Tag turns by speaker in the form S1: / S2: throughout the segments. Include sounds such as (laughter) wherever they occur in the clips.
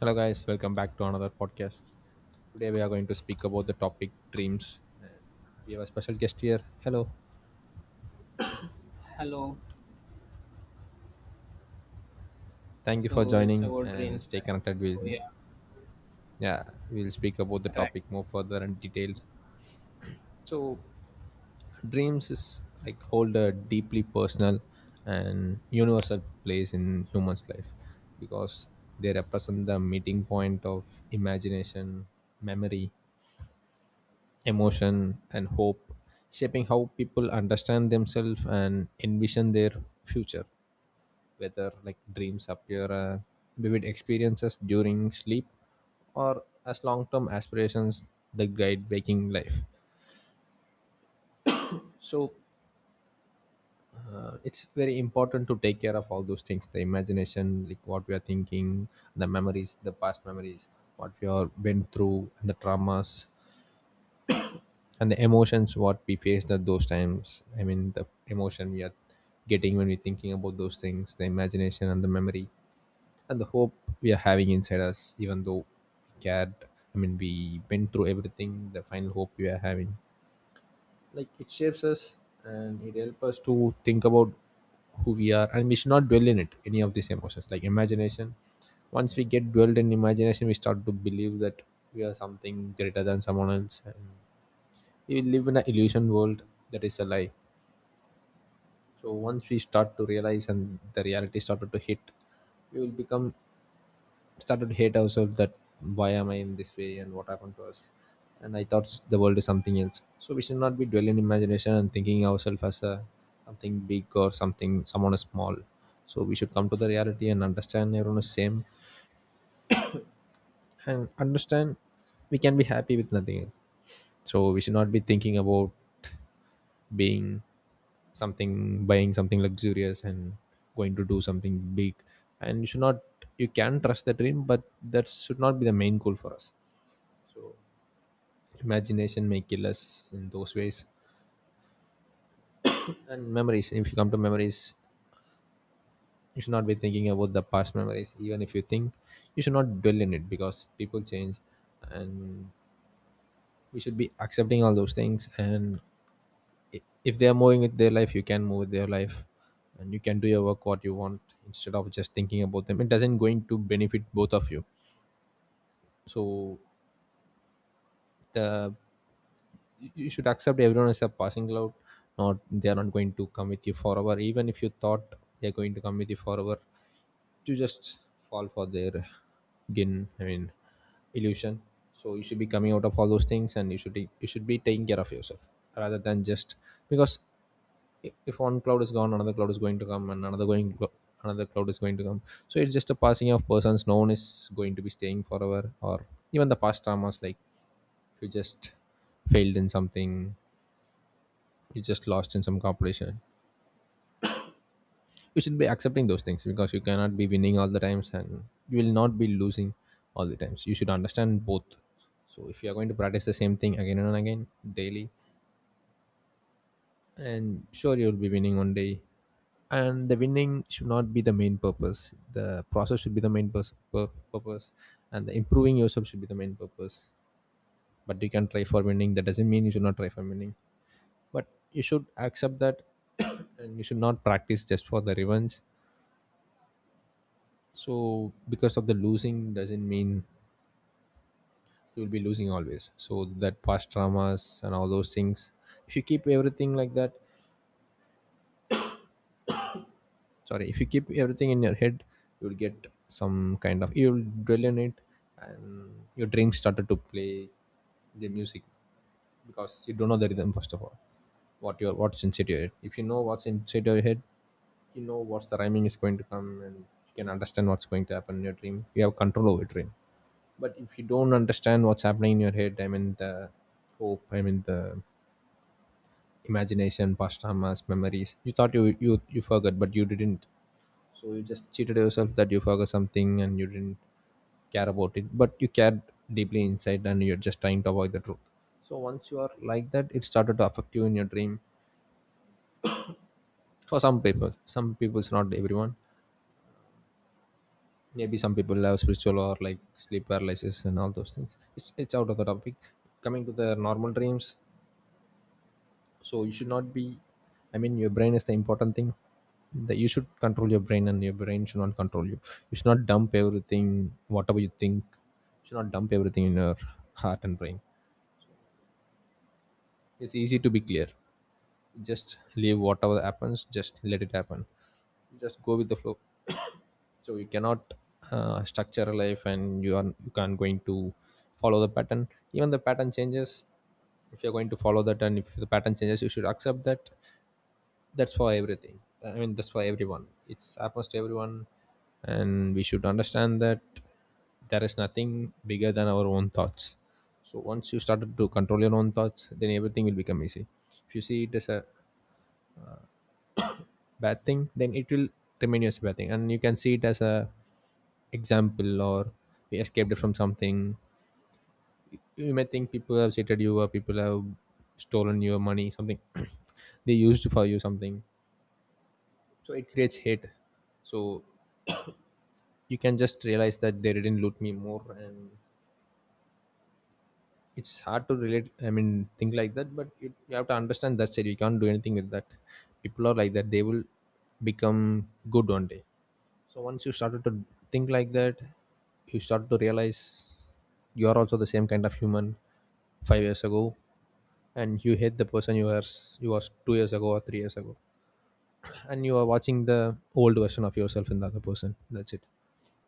S1: Hello, guys. Welcome back to another podcast. Today we are going to speak about the topic dreams, and we have a special guest here. Hello,
S2: Hello.
S1: thank you for
S2: So it's
S1: joining
S2: about
S1: and
S2: trains,
S1: stay
S2: right?
S1: connected.
S2: So
S1: We'll
S2: yeah,
S1: yeah, we'll speak about the
S2: right.
S1: topic more further and detailed. So, dreams is like hold a deeply personal and universal place in humans' life because they represent the meeting point of imagination, memory, emotion, and hope, shaping how people understand themselves and envision their future. Whether like dreams appear vivid experiences during sleep or as long term aspirations that guide waking life. So it's very important to take care of all those things the imagination, like what we are thinking, the memories, the past memories, what we are been through, and the traumas and the emotions what we faced at those times, I mean the emotion we are getting when we're thinking about those things, the imagination and the memory and the hope we are having inside us, even though we cared, I mean we went through everything, the final hope we are having, like it shapes us and it helps us to think about who we are, and we should not dwell in it, any of these emotions like imagination. Once we get dwelled in imagination we start to believe that we are something greater than someone else and we live in an illusion world that is a lie. So once we start to realize and the reality started to hit, we will become started to hate ourselves that why am I in this way and what happened to us. And I thought the world is something else. So we should not be dwelling in imagination and thinking ourselves as a something big or something someone is small. So we should come to the reality and understand everyone is same and understand we can be happy with nothing else. So we should not be thinking about being something, buying something luxurious and going to do something big, and you should not, you can trust the dream, but that should not be the main goal for us. So imagination may kill us in those ways. And memories, if you come to memories, you should not be thinking about the past memories. Even if you think, you should not dwell in it because people change, and we should be accepting all those things. And if they are moving with their life, you can move with their life and you can do your work what you want, instead of just thinking about them. It doesn't going to benefit both of you. So the, you should accept everyone as a passing cloud. Not, they are not going to come with you forever. Even if you thought they're going to come with you forever, you just fall for their gin, I mean illusion. So you should be coming out of all those things and you should be taking care of yourself rather than just, because if one cloud is gone, another cloud is going to come and another cloud is going to come. So it's just a passing of persons. No one is going to be staying forever. Or even the past traumas, like if you just failed in something, you just lost in some competition, you should be accepting those things because you cannot be winning all the times, and you will not be losing all the times. You should understand both. So if you are going to practice the same thing again and again daily, and sure you'll be winning one day, and the winning should not be the main purpose. The process should be the main purpose, and the improving yourself should be the main purpose. But you can try for winning. That doesn't mean you should not try for winning, but you should accept that. (coughs) And you should not practice just for the revenge. So because of the losing doesn't mean you'll be losing always. So that past traumas and all those things, if you keep everything like that, sorry, if you keep everything in your head, you'll get some kind of, you'll dwell in it, and your dreams started to play the music because you don't know the rhythm. First of all, what your, what's inside your head, if you know what's inside your head, you know what's the rhyming is going to come and you can understand what's going to happen in your dream. You have control over your dream. But if you don't understand what's happening in your head, I mean the hope, I mean the imagination, past traumas, memories you thought you forgot but you didn't. So you just cheated yourself that you forgot something and you didn't care about it, but you cared deeply inside and you're just trying to avoid the truth. So once you are like that, it started to affect you in your dream. For some people, some people's not everyone. Maybe some people have spiritual or like sleep paralysis and all those things. It's out of the topic. Coming to the normal dreams, so you should not be, I mean your brain is the important thing, that you should control your brain and your brain should not control you. You should not dump everything whatever you think. You should not dump everything in your heart and brain. It's easy to be clear. Just leave whatever happens, just let it happen, just go with the flow. (coughs) So you cannot structure a life, and you are, you can't going to follow the pattern. Even the pattern changes, if you're going to follow that, and if the pattern changes you should accept that. That's for everything, I mean that's for everyone. It's happens to everyone, and we should understand that there is nothing bigger than our own thoughts. So once you started to control your own thoughts, then everything will become easy. If you see it as a bad thing, then it will remain as a bad thing. And you can see it as a example, or we escaped from something. You may think people have cheated you, or people have stolen your money something. (coughs) (clears throat) They used for you something, so it creates hate. So you can just realize that they didn't loot me more, and it's hard to relate, I mean think like that, but you have to understand that, said you can't do anything with that. People are like that. They will become good one day. So once you started to think like that, you start to realize you are also the same kind of human 5 years ago, and you hate the person you were, you was 2 years ago or 3 years ago, and you are watching the old version of yourself in the other person. That's it.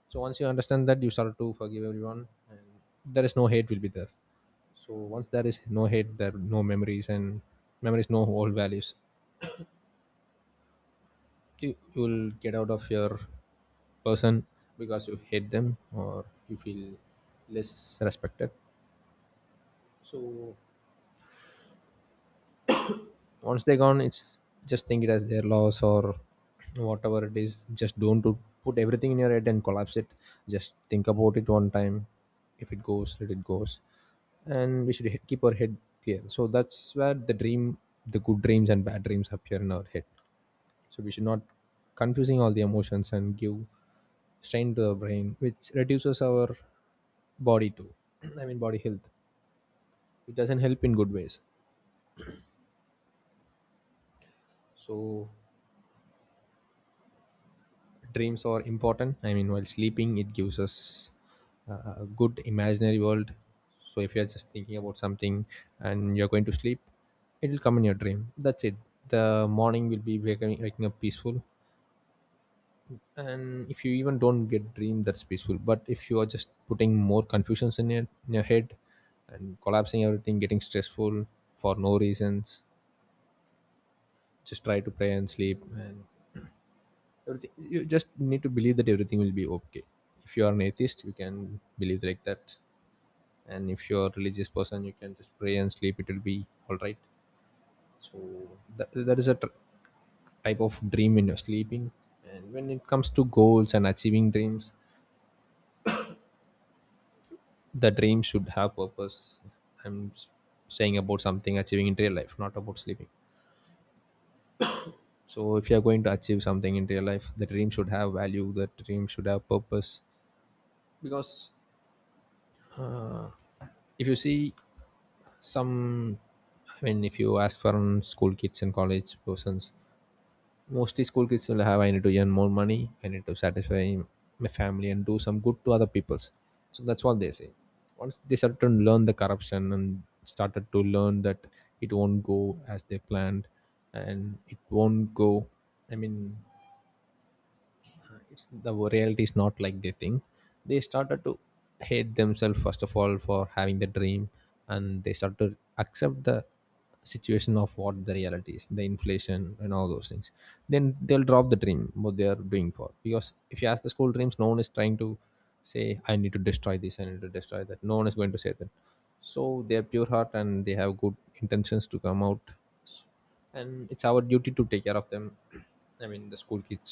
S1: So once you understand that, you start to forgive everyone and there is no hate will be there. So once there is no hate, there are no memories, and memories, no old values. You will get out of your person because you hate them or you feel less respected. So once they're gone, it's just think it as their loss or whatever it is. Just don't do, put everything in your head and collapse it. Just think about it one time. If it goes, let it goes. And we should keep our head clear. So that's where the dream, the good dreams and bad dreams appear in our head. So we should not confusing all the emotions and give strain to the brain, which reduces our body too. (clears throat) I mean body health. It doesn't help in good ways. So dreams are important, I mean while sleeping it gives us a good imaginary world. So if you're just thinking about something and you're going to sleep, it will come in your dream. That's it. The morning will be waking up peaceful. And if you even don't get dream that's peaceful, but if you are just putting more confusions in your head and collapsing everything, getting stressful for no reasons, just try to pray and sleep, and everything, you just need to believe that everything will be okay. If you are an atheist, you can believe like that. And if you're a religious person, you can just pray and sleep, it will be all right. So that is a type of dream when you're sleeping. And when it comes to goals and achieving dreams, the dream should have purpose. I'm saying about something achieving in real life, not about sleeping. So if you are going to achieve something in real life, the dream should have value, the dream should have purpose. Because uh, if you see some, I mean if you ask for school kids and college persons, mostly school kids will have I need To earn more money, I need to satisfy my family and do some good to other peoples. So that's what they say. Once they started to learn the corruption and started to learn that it won't go as they planned, and it won't go, I mean, it's the reality is not like they think. They started to hate themselves first of all for having the dream, and they start to accept the situation of what the reality is, the inflation and all those things. Then they'll drop the dream what they are doing for, because if you ask the school dreams, no one is trying to say I need to destroy this, I need to destroy that. No one is going to say that. So they're pure heart and they have good intentions to come out, and it's our duty to take care of them, I mean the school kids,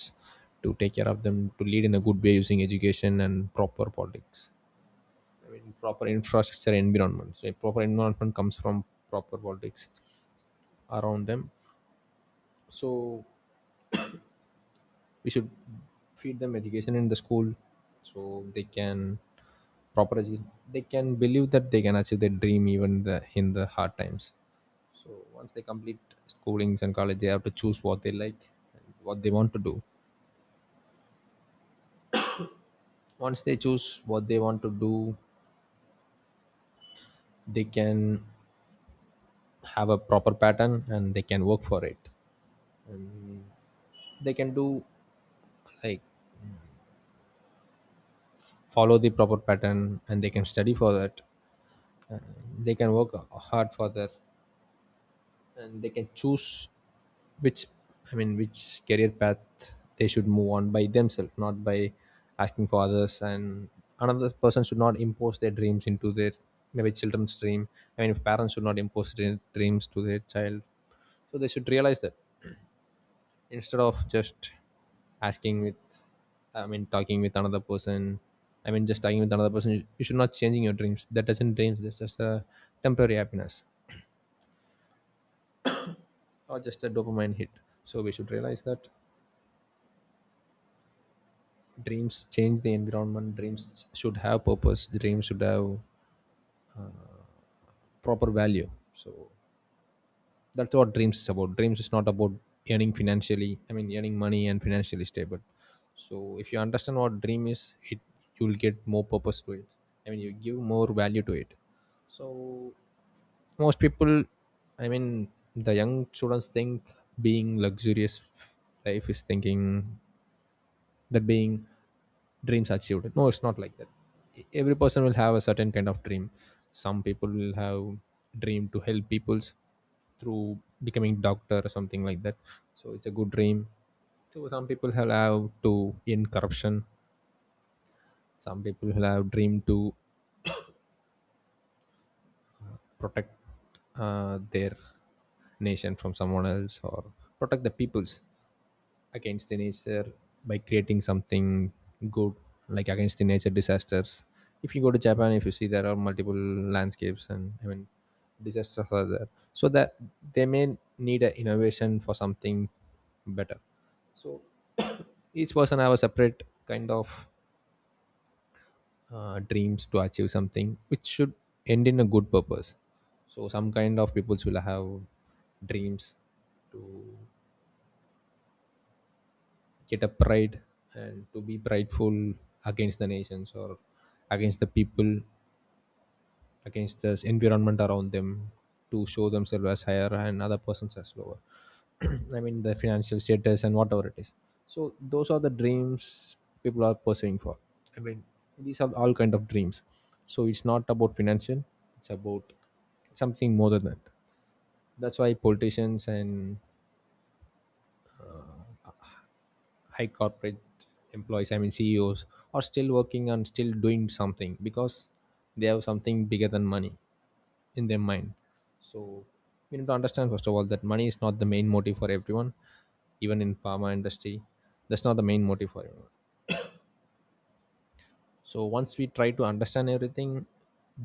S1: to take care of them, to lead in a good way using education and proper politics, I mean proper infrastructure and environment. So a proper environment comes from proper politics around them. So we should feed them education in the school so they can, proper education, they can believe that they can achieve their dream even in the hard times. So once they complete schoolings and college, they have to choose what they like and what they want to do. Once they choose what they want to do, they can have a proper pattern and they can work for it, and they can do, like, follow the proper pattern and they can study for that, they can work hard for that, and they can choose which, I mean which career path they should move on by themselves, not by asking for others. And another person should not impose their dreams into their, maybe children's dream. I mean, parents should not impose their dreams to their child. So they should realize that, instead of just asking with, I mean talking with another person, I mean just talking with another person, you should not changing your dreams. That doesn't dreams, that's just a temporary happiness or just a dopamine hit. So we should realize that dreams change the environment. Dreams should have purpose. Dreams should have proper value. So that's what dreams is about. Dreams is not about earning financially. I mean, earning money and financially stable. So if you understand what dream is, it, you will get more purpose to it. I mean, you give more value to it. So most people, I mean, the young students think being luxurious life is thinking that being dreams achieved. No, it's not like that. Every person will have a certain kind of dream. Some people will have dream to help peoples through becoming doctor or something like that. So it's a good dream. So some people will have to end corruption. Some people will have dream to protect their nation from someone else, or protect the peoples against the nature by creating something good, like against the nature disasters. If you go to Japan, if you see, there are multiple landscapes and, I mean, disasters are there. So that they may need an innovation for something better. So each person have a separate kind of dreams to achieve something which should end in a good purpose. So some kind of peoples will have dreams to get upright and to be prideful against the nations or against the people, against the environment around them, to show themselves as higher and other persons as lower. (clears throat) I mean the financial status and whatever it is. So those are the dreams people are pursuing for. I mean, these are all kind of dreams. So it's not about financial, it's about something more than that. That's why politicians and high corporate employees, I mean CEOs, are still working and still doing something, because they have something bigger than money in their mind. So we need to understand first of all that money is not the main motive for everyone. Even in pharma industry, that's not the main motive for everyone. So once we try to understand everything,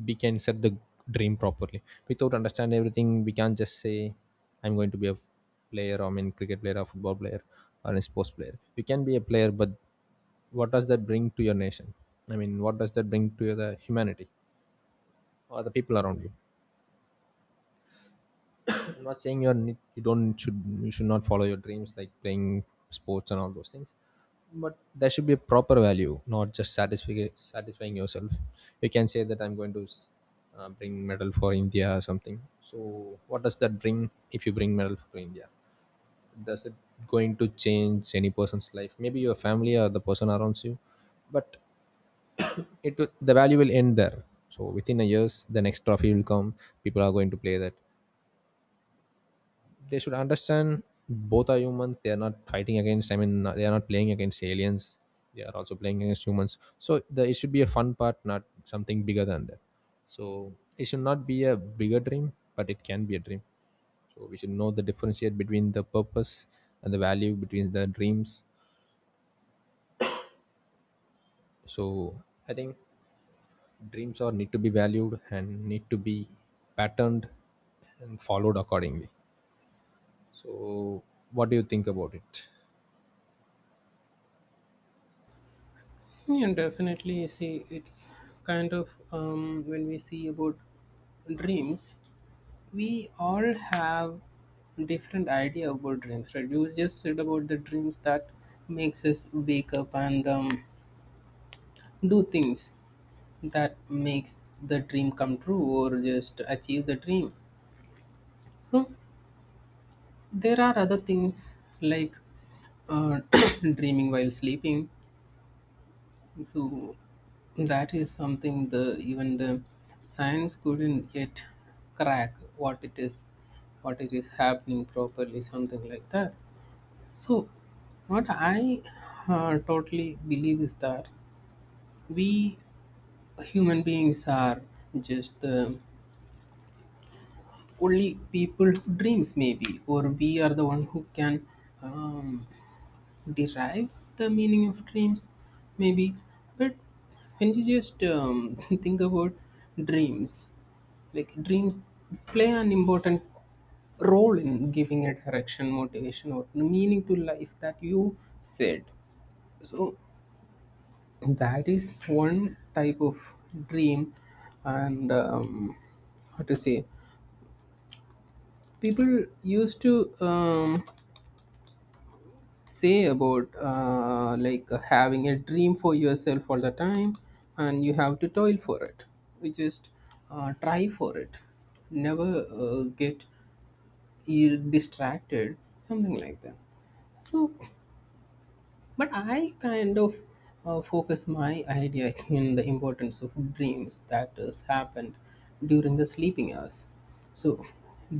S1: we can set the dream properly. Without understand everything, we can't just say I'm going to be a player, I mean cricket player or football player or a sports player. You can be a player, but what does that bring to your nation? I mean, what does that bring to the humanity or the people around you? I'm not saying you don't should, you should not follow your dreams like playing sports and all those things, but there should be a proper value, not just satisfying yourself. You can say that I'm going to bring medal for India or something. So what does that bring if you bring medal for India? Does it going to change any person's life? Maybe your family or the person around you, but the value will end there. So within a years, the next trophy will come. People are going to play that. They should understand both are humans. They are not fighting against, I mean they are not playing against aliens, they are also playing against humans. So it should be a fun part, not something bigger than that. So it should not be a bigger dream, but it can be a dream. So we should know the differentiate between the purpose and the value between the dreams. So I think dreams are need to be valued and need to be patterned and followed accordingly. So what do you think about it?
S2: Yeah, definitely. See, it's kind of when we see about dreams, we all have different idea about dreams, right? You just said about the dreams that makes us wake up and do things that makes the dream come true or just achieve the dream. So there are other things like uh, (coughs) (clears throat) dreaming while sleeping. So that is something the even the science couldn't yet crack what it is happening properly, something like that. So what I totally believe is that we human beings are just the only people who dreams maybe, or we are the one who can um, derive the meaning of dreams maybe, but when you just (laughs) think about dreams, like dreams play an important role in giving a direction, motivation or meaning to life, that you said. So that is one type of dream. And how to say, people used to say about like having a dream for yourself all the time, and you have to toil for it. You just try for it, never get you're distracted, something like that. So but I kind of focus my idea in the importance of dreams that has happened during the sleeping hours. So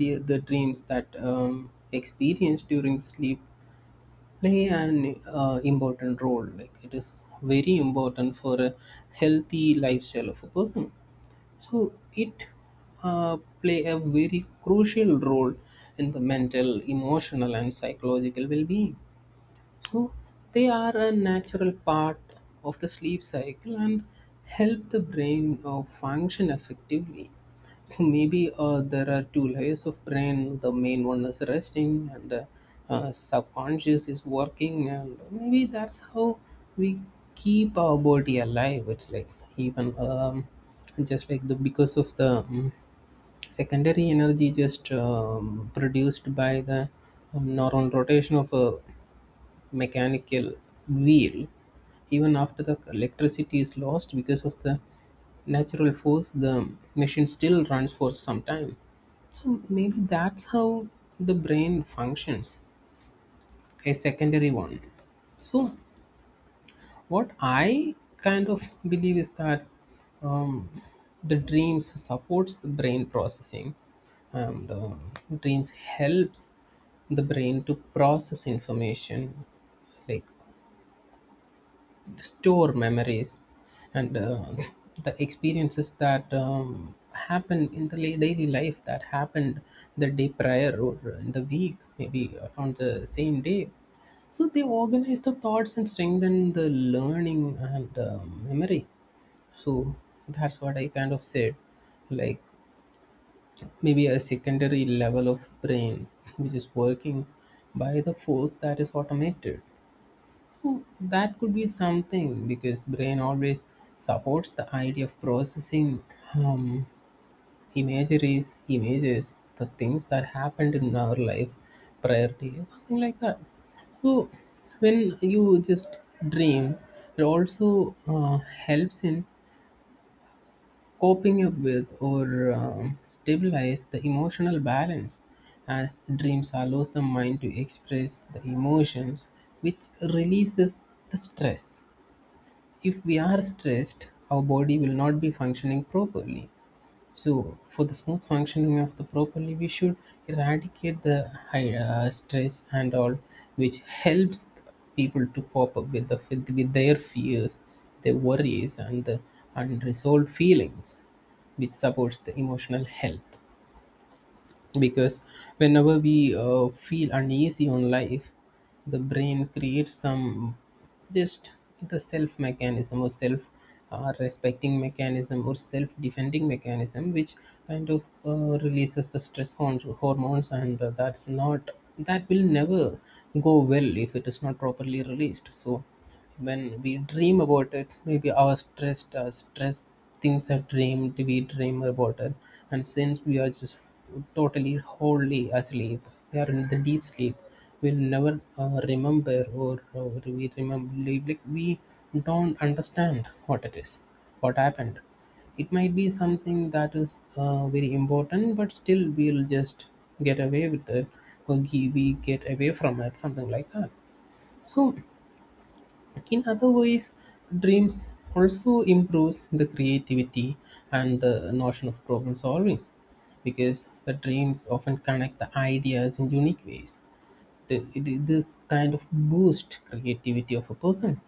S2: the dreams that experienced during sleep play an important role, like it is very important for a healthy lifestyle of a person. So it play a very crucial role in the mental, emotional, and psychological well-being. So they are a natural part of the sleep cycle and help the brain function effectively. So maybe there are two layers of brain. The main one is resting, and the subconscious is working. And maybe that's how we keep our body alive. It's like, even just like the because of the secondary energy just produced by the normal rotation of a mechanical wheel, even after the electricity is lost because of the natural force, the machine still runs for some time. So maybe that's how the brain functions, a secondary one. So what I kind of believe is that um, the dreams supports the brain processing, and dreams helps the brain to process information, like store memories and (laughs) the experiences that happen in the daily life, that happened the day prior or in the week, maybe on the same day. So they organize the thoughts and strengthen the learning and memory. So that's what I kind of said. Like maybe a secondary level of brain which is working by the force that is automated. Oh, that could be something because brain always supports the idea of processing um, imageries, images, the things that happened in our life prior to, something like that. So when you just dream, it also helps in coping up with, or stabilize the emotional balance, as dreams allows the mind to express the emotions, which releases the stress. If we are stressed, our body will not be functioning properly. So, for the smooth functioning of the properly, we should eradicate the high stress and all, which helps people to pop up with the with their fears, their worries, and the unresolved feelings, which supports the emotional health. Because whenever we feel uneasy on life, the brain creates some just the self mechanism, or self respecting mechanism, or self defending mechanism which kind of releases the stress hormones, and that's not, that will never go well if it is not properly released. So when we dream about it, maybe our stress things are dreamed, we dream about it. And since we are just totally wholly asleep, we are in the deep sleep, we'll never remember, or we remember like we don't understand what it is, what happened. It might be something that is very important, but still we'll just get away with it, or we get away from it, something like that. So in other ways, dreams also improves the creativity and the notion of problem solving, because the dreams often connect the ideas in unique ways. This, it is this kind of boost creativity of a person,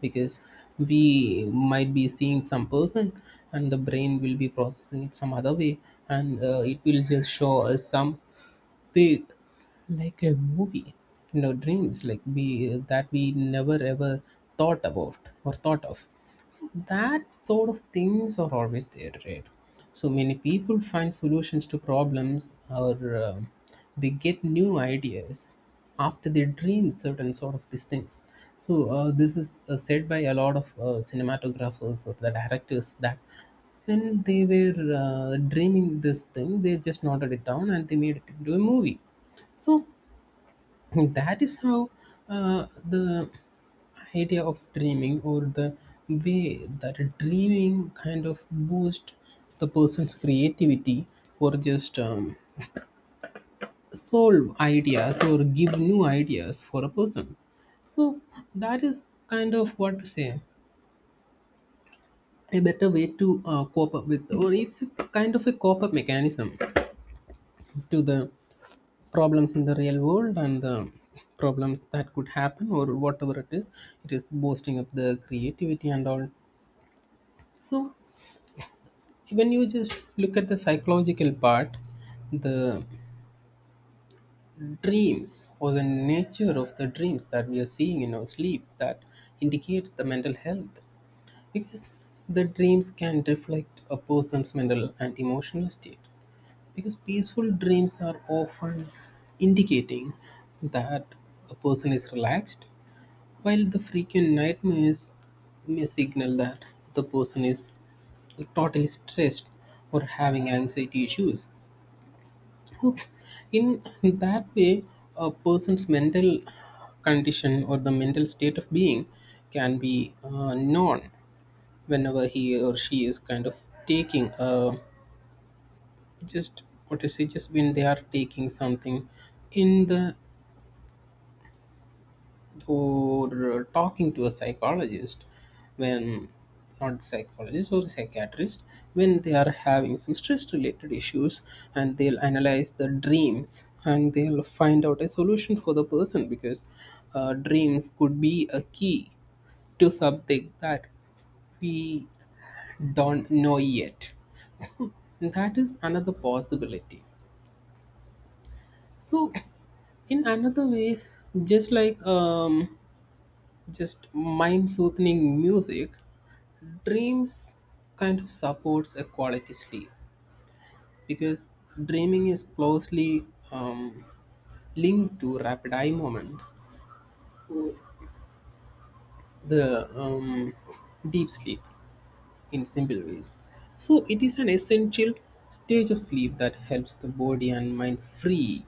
S2: because we might be seeing some person and the brain will be processing it some other way, and it will just show us some, they, like a movie, you know, dreams like, we, that we never ever thought about, or thought of. So that sort of things are always there, right? So many people find solutions to problems, or um, they get new ideas after they dream certain sort of these things. So this is said by a lot of cinematographers or the directors, that when they were dreaming this thing they just noted it down and they made it into a movie. So that is how the idea of dreaming, or the way that dreaming kind of boost the person's creativity, or just solve ideas, or give new ideas for a person. So that is kind of, what to say, a better way to cope up with, or it's a kind of a cope up mechanism to the problems in the real world, and the problems that could happen or whatever it is, it is boosting up the creativity and all. So when you just look at the psychological part, the dreams, or the nature of the dreams that we are seeing in our sleep, that indicates the mental health. Because the dreams can reflect a person's mental and emotional state, because peaceful dreams are often indicating that a person is relaxed. While the frequent nightmares may signal that the person is totally stressed or having anxiety issues. In that way, a person's mental condition or the mental state of being can be known whenever he or she is kind of taking a, just what to say, just when they are taking something in the, or talking to a psychologist, when, not psychologist or psychiatrist, when they are having some stress related issues, and they'll analyze the dreams and they'll find out a solution for the person. Because dreams could be a key to something that we don't know yet, and that is another possibility. So in another ways, just like just mind soothing music, dreams kind of supports a quality sleep, because dreaming is closely um, linked to rapid eye movement, the deep sleep, in simple ways. So it is an essential stage of sleep that helps the body and mind free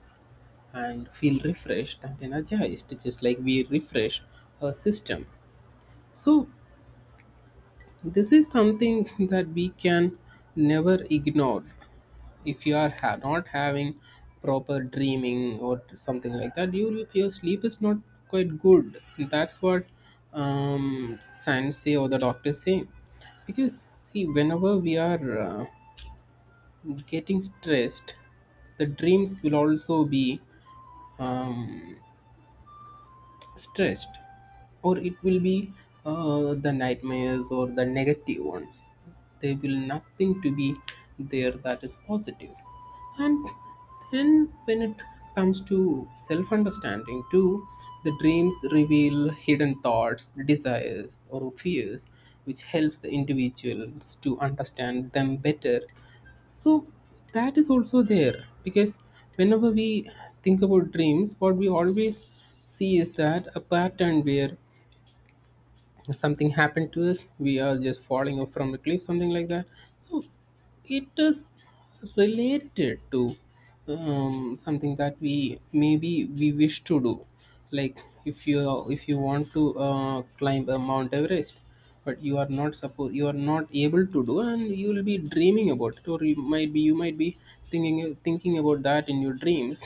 S2: and feel refreshed and energized, just like we refresh our system. So this is something that we can never ignore. If you are not having proper dreaming or something like that, you will, your sleep is not quite good. That's what science say, or the doctors say. Because, see, whenever we are getting stressed, the dreams will also be um, stressed, or it will be the nightmares or the negative ones. There will nothing to be there that is positive. And then when it comes to self understanding too, the dreams reveal hidden thoughts, desires or fears, which helps the individuals to understand them better. So that is also there. Because whenever we think about dreams, what we always see is that a pattern where something happened to us, we are just falling off from a cliff, something like that. So it is related to something that we maybe we wish to do. Like if you, if you want to climb a Mount Everest, but you are not supposed, you are not able to do, and you will be dreaming about it, or you might be thinking about that in your dreams,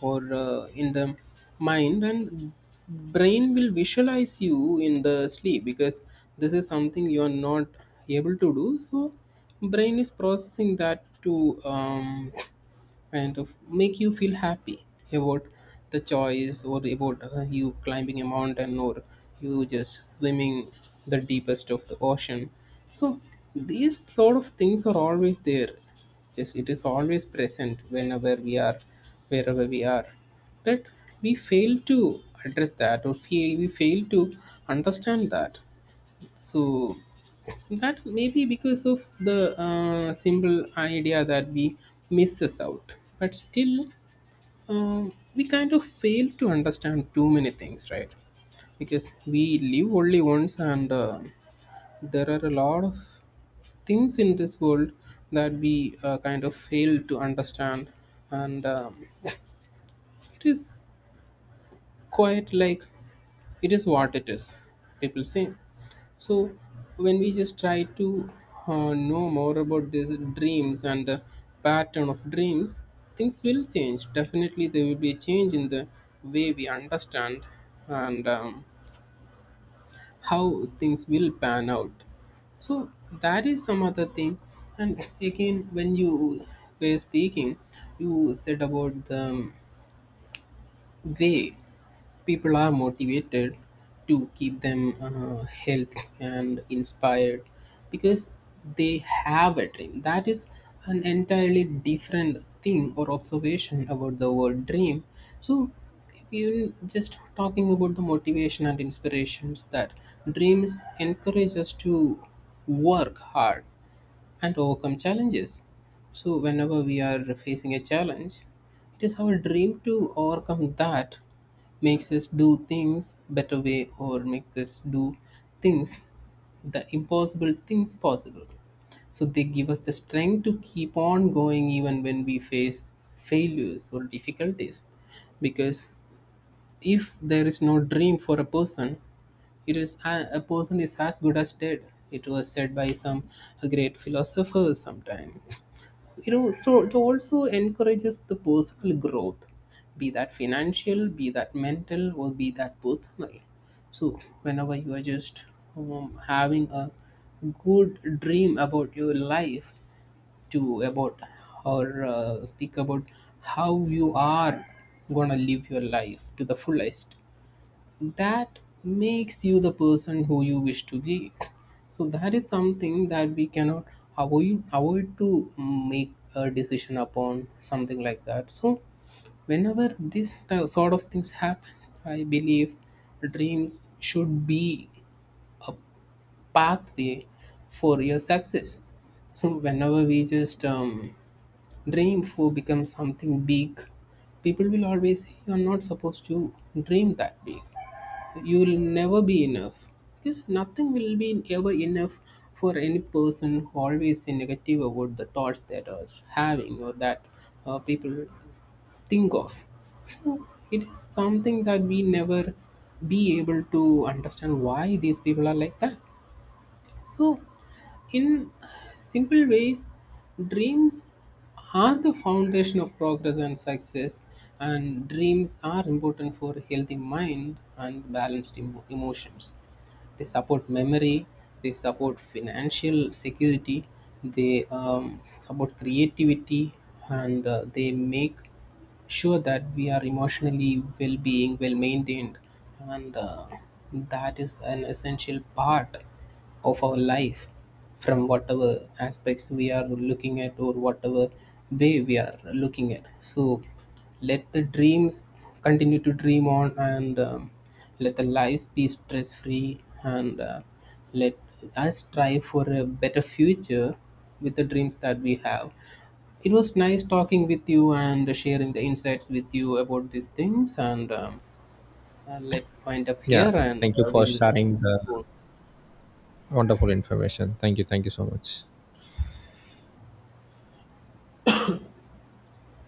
S2: or in the mind, and brain will visualize you in the sleep, because this is something you are not able to do. So brain is processing that to and of make you feel happy about the choice, or about you climbing a mountain, or you just swimming the deepest of the ocean. So these sort of things are always there, just it is always present, whenever we are, wherever we are. But we fail to address that, or we fail to understand that. So that may be because of the simple idea that we misses out, but still we kind of fail to understand too many things, right? Because we live only once, and there are a lot of things in this world that we kind of fail to understand, and it is quite like, it is what it is, people say. So, when we just try to know more about these dreams and the pattern of dreams, things will change. Definitely, there will be a change in the way we understand and how things will pan out. So, that is some other thing. And again, when you were speaking, you said about the way people are motivated to keep them healthy and inspired, because they have a dream. That is an entirely different thing or observation about the word dream. So, even just talking about the motivation and inspirations, that dreams encourage us to work hard and overcome challenges. So, whenever we are facing a challenge, it is our dream to overcome that makes us do things better way, or make us do things, the impossible things possible. So they give us the strength to keep on going even when we face failures or difficulties. Because if there is no dream for a person, it is a person is as good as dead. It was said by some great philosophers sometime, you know. So it also encourages the personal growth, be that financial, be that mental, or be that personal. So whenever you are just having a good dream about your life, to about, or speak about how you are gonna live your life to the fullest, that makes you the person who you wish to be. So that is something that we cannot avoid to make a decision upon, something like that. So whenever this sort of things happen, I believe dreams should be a pathway for your success. So whenever we just dream for become something big, people will always say you're not supposed to dream that big, you will never be enough, because nothing will be ever enough for any person who always is negative about the thoughts that are having, or that people think of. It is something that we never be able to understand why these people are like that. So in simple ways, dreams are the foundation of progress and success, and dreams are important for a healthy mind and balanced emotions. They support memory, they support financial security, they support creativity, and they make sure that we are emotionally well being well maintained. And that is an essential part of our life, from whatever aspects we are looking at, or whatever way we are looking at. So let the dreams continue to dream on, and let the lives be stress free, and let us strive for a better future with the dreams that we have. It was nice talking with you and sharing the insights with you about these things, and let's wind up
S1: Yeah,
S2: here, and
S1: thank you for
S2: we'll see
S1: sharing
S2: you
S1: the
S2: soon.
S1: wonderful information. Thank you. Thank you so much.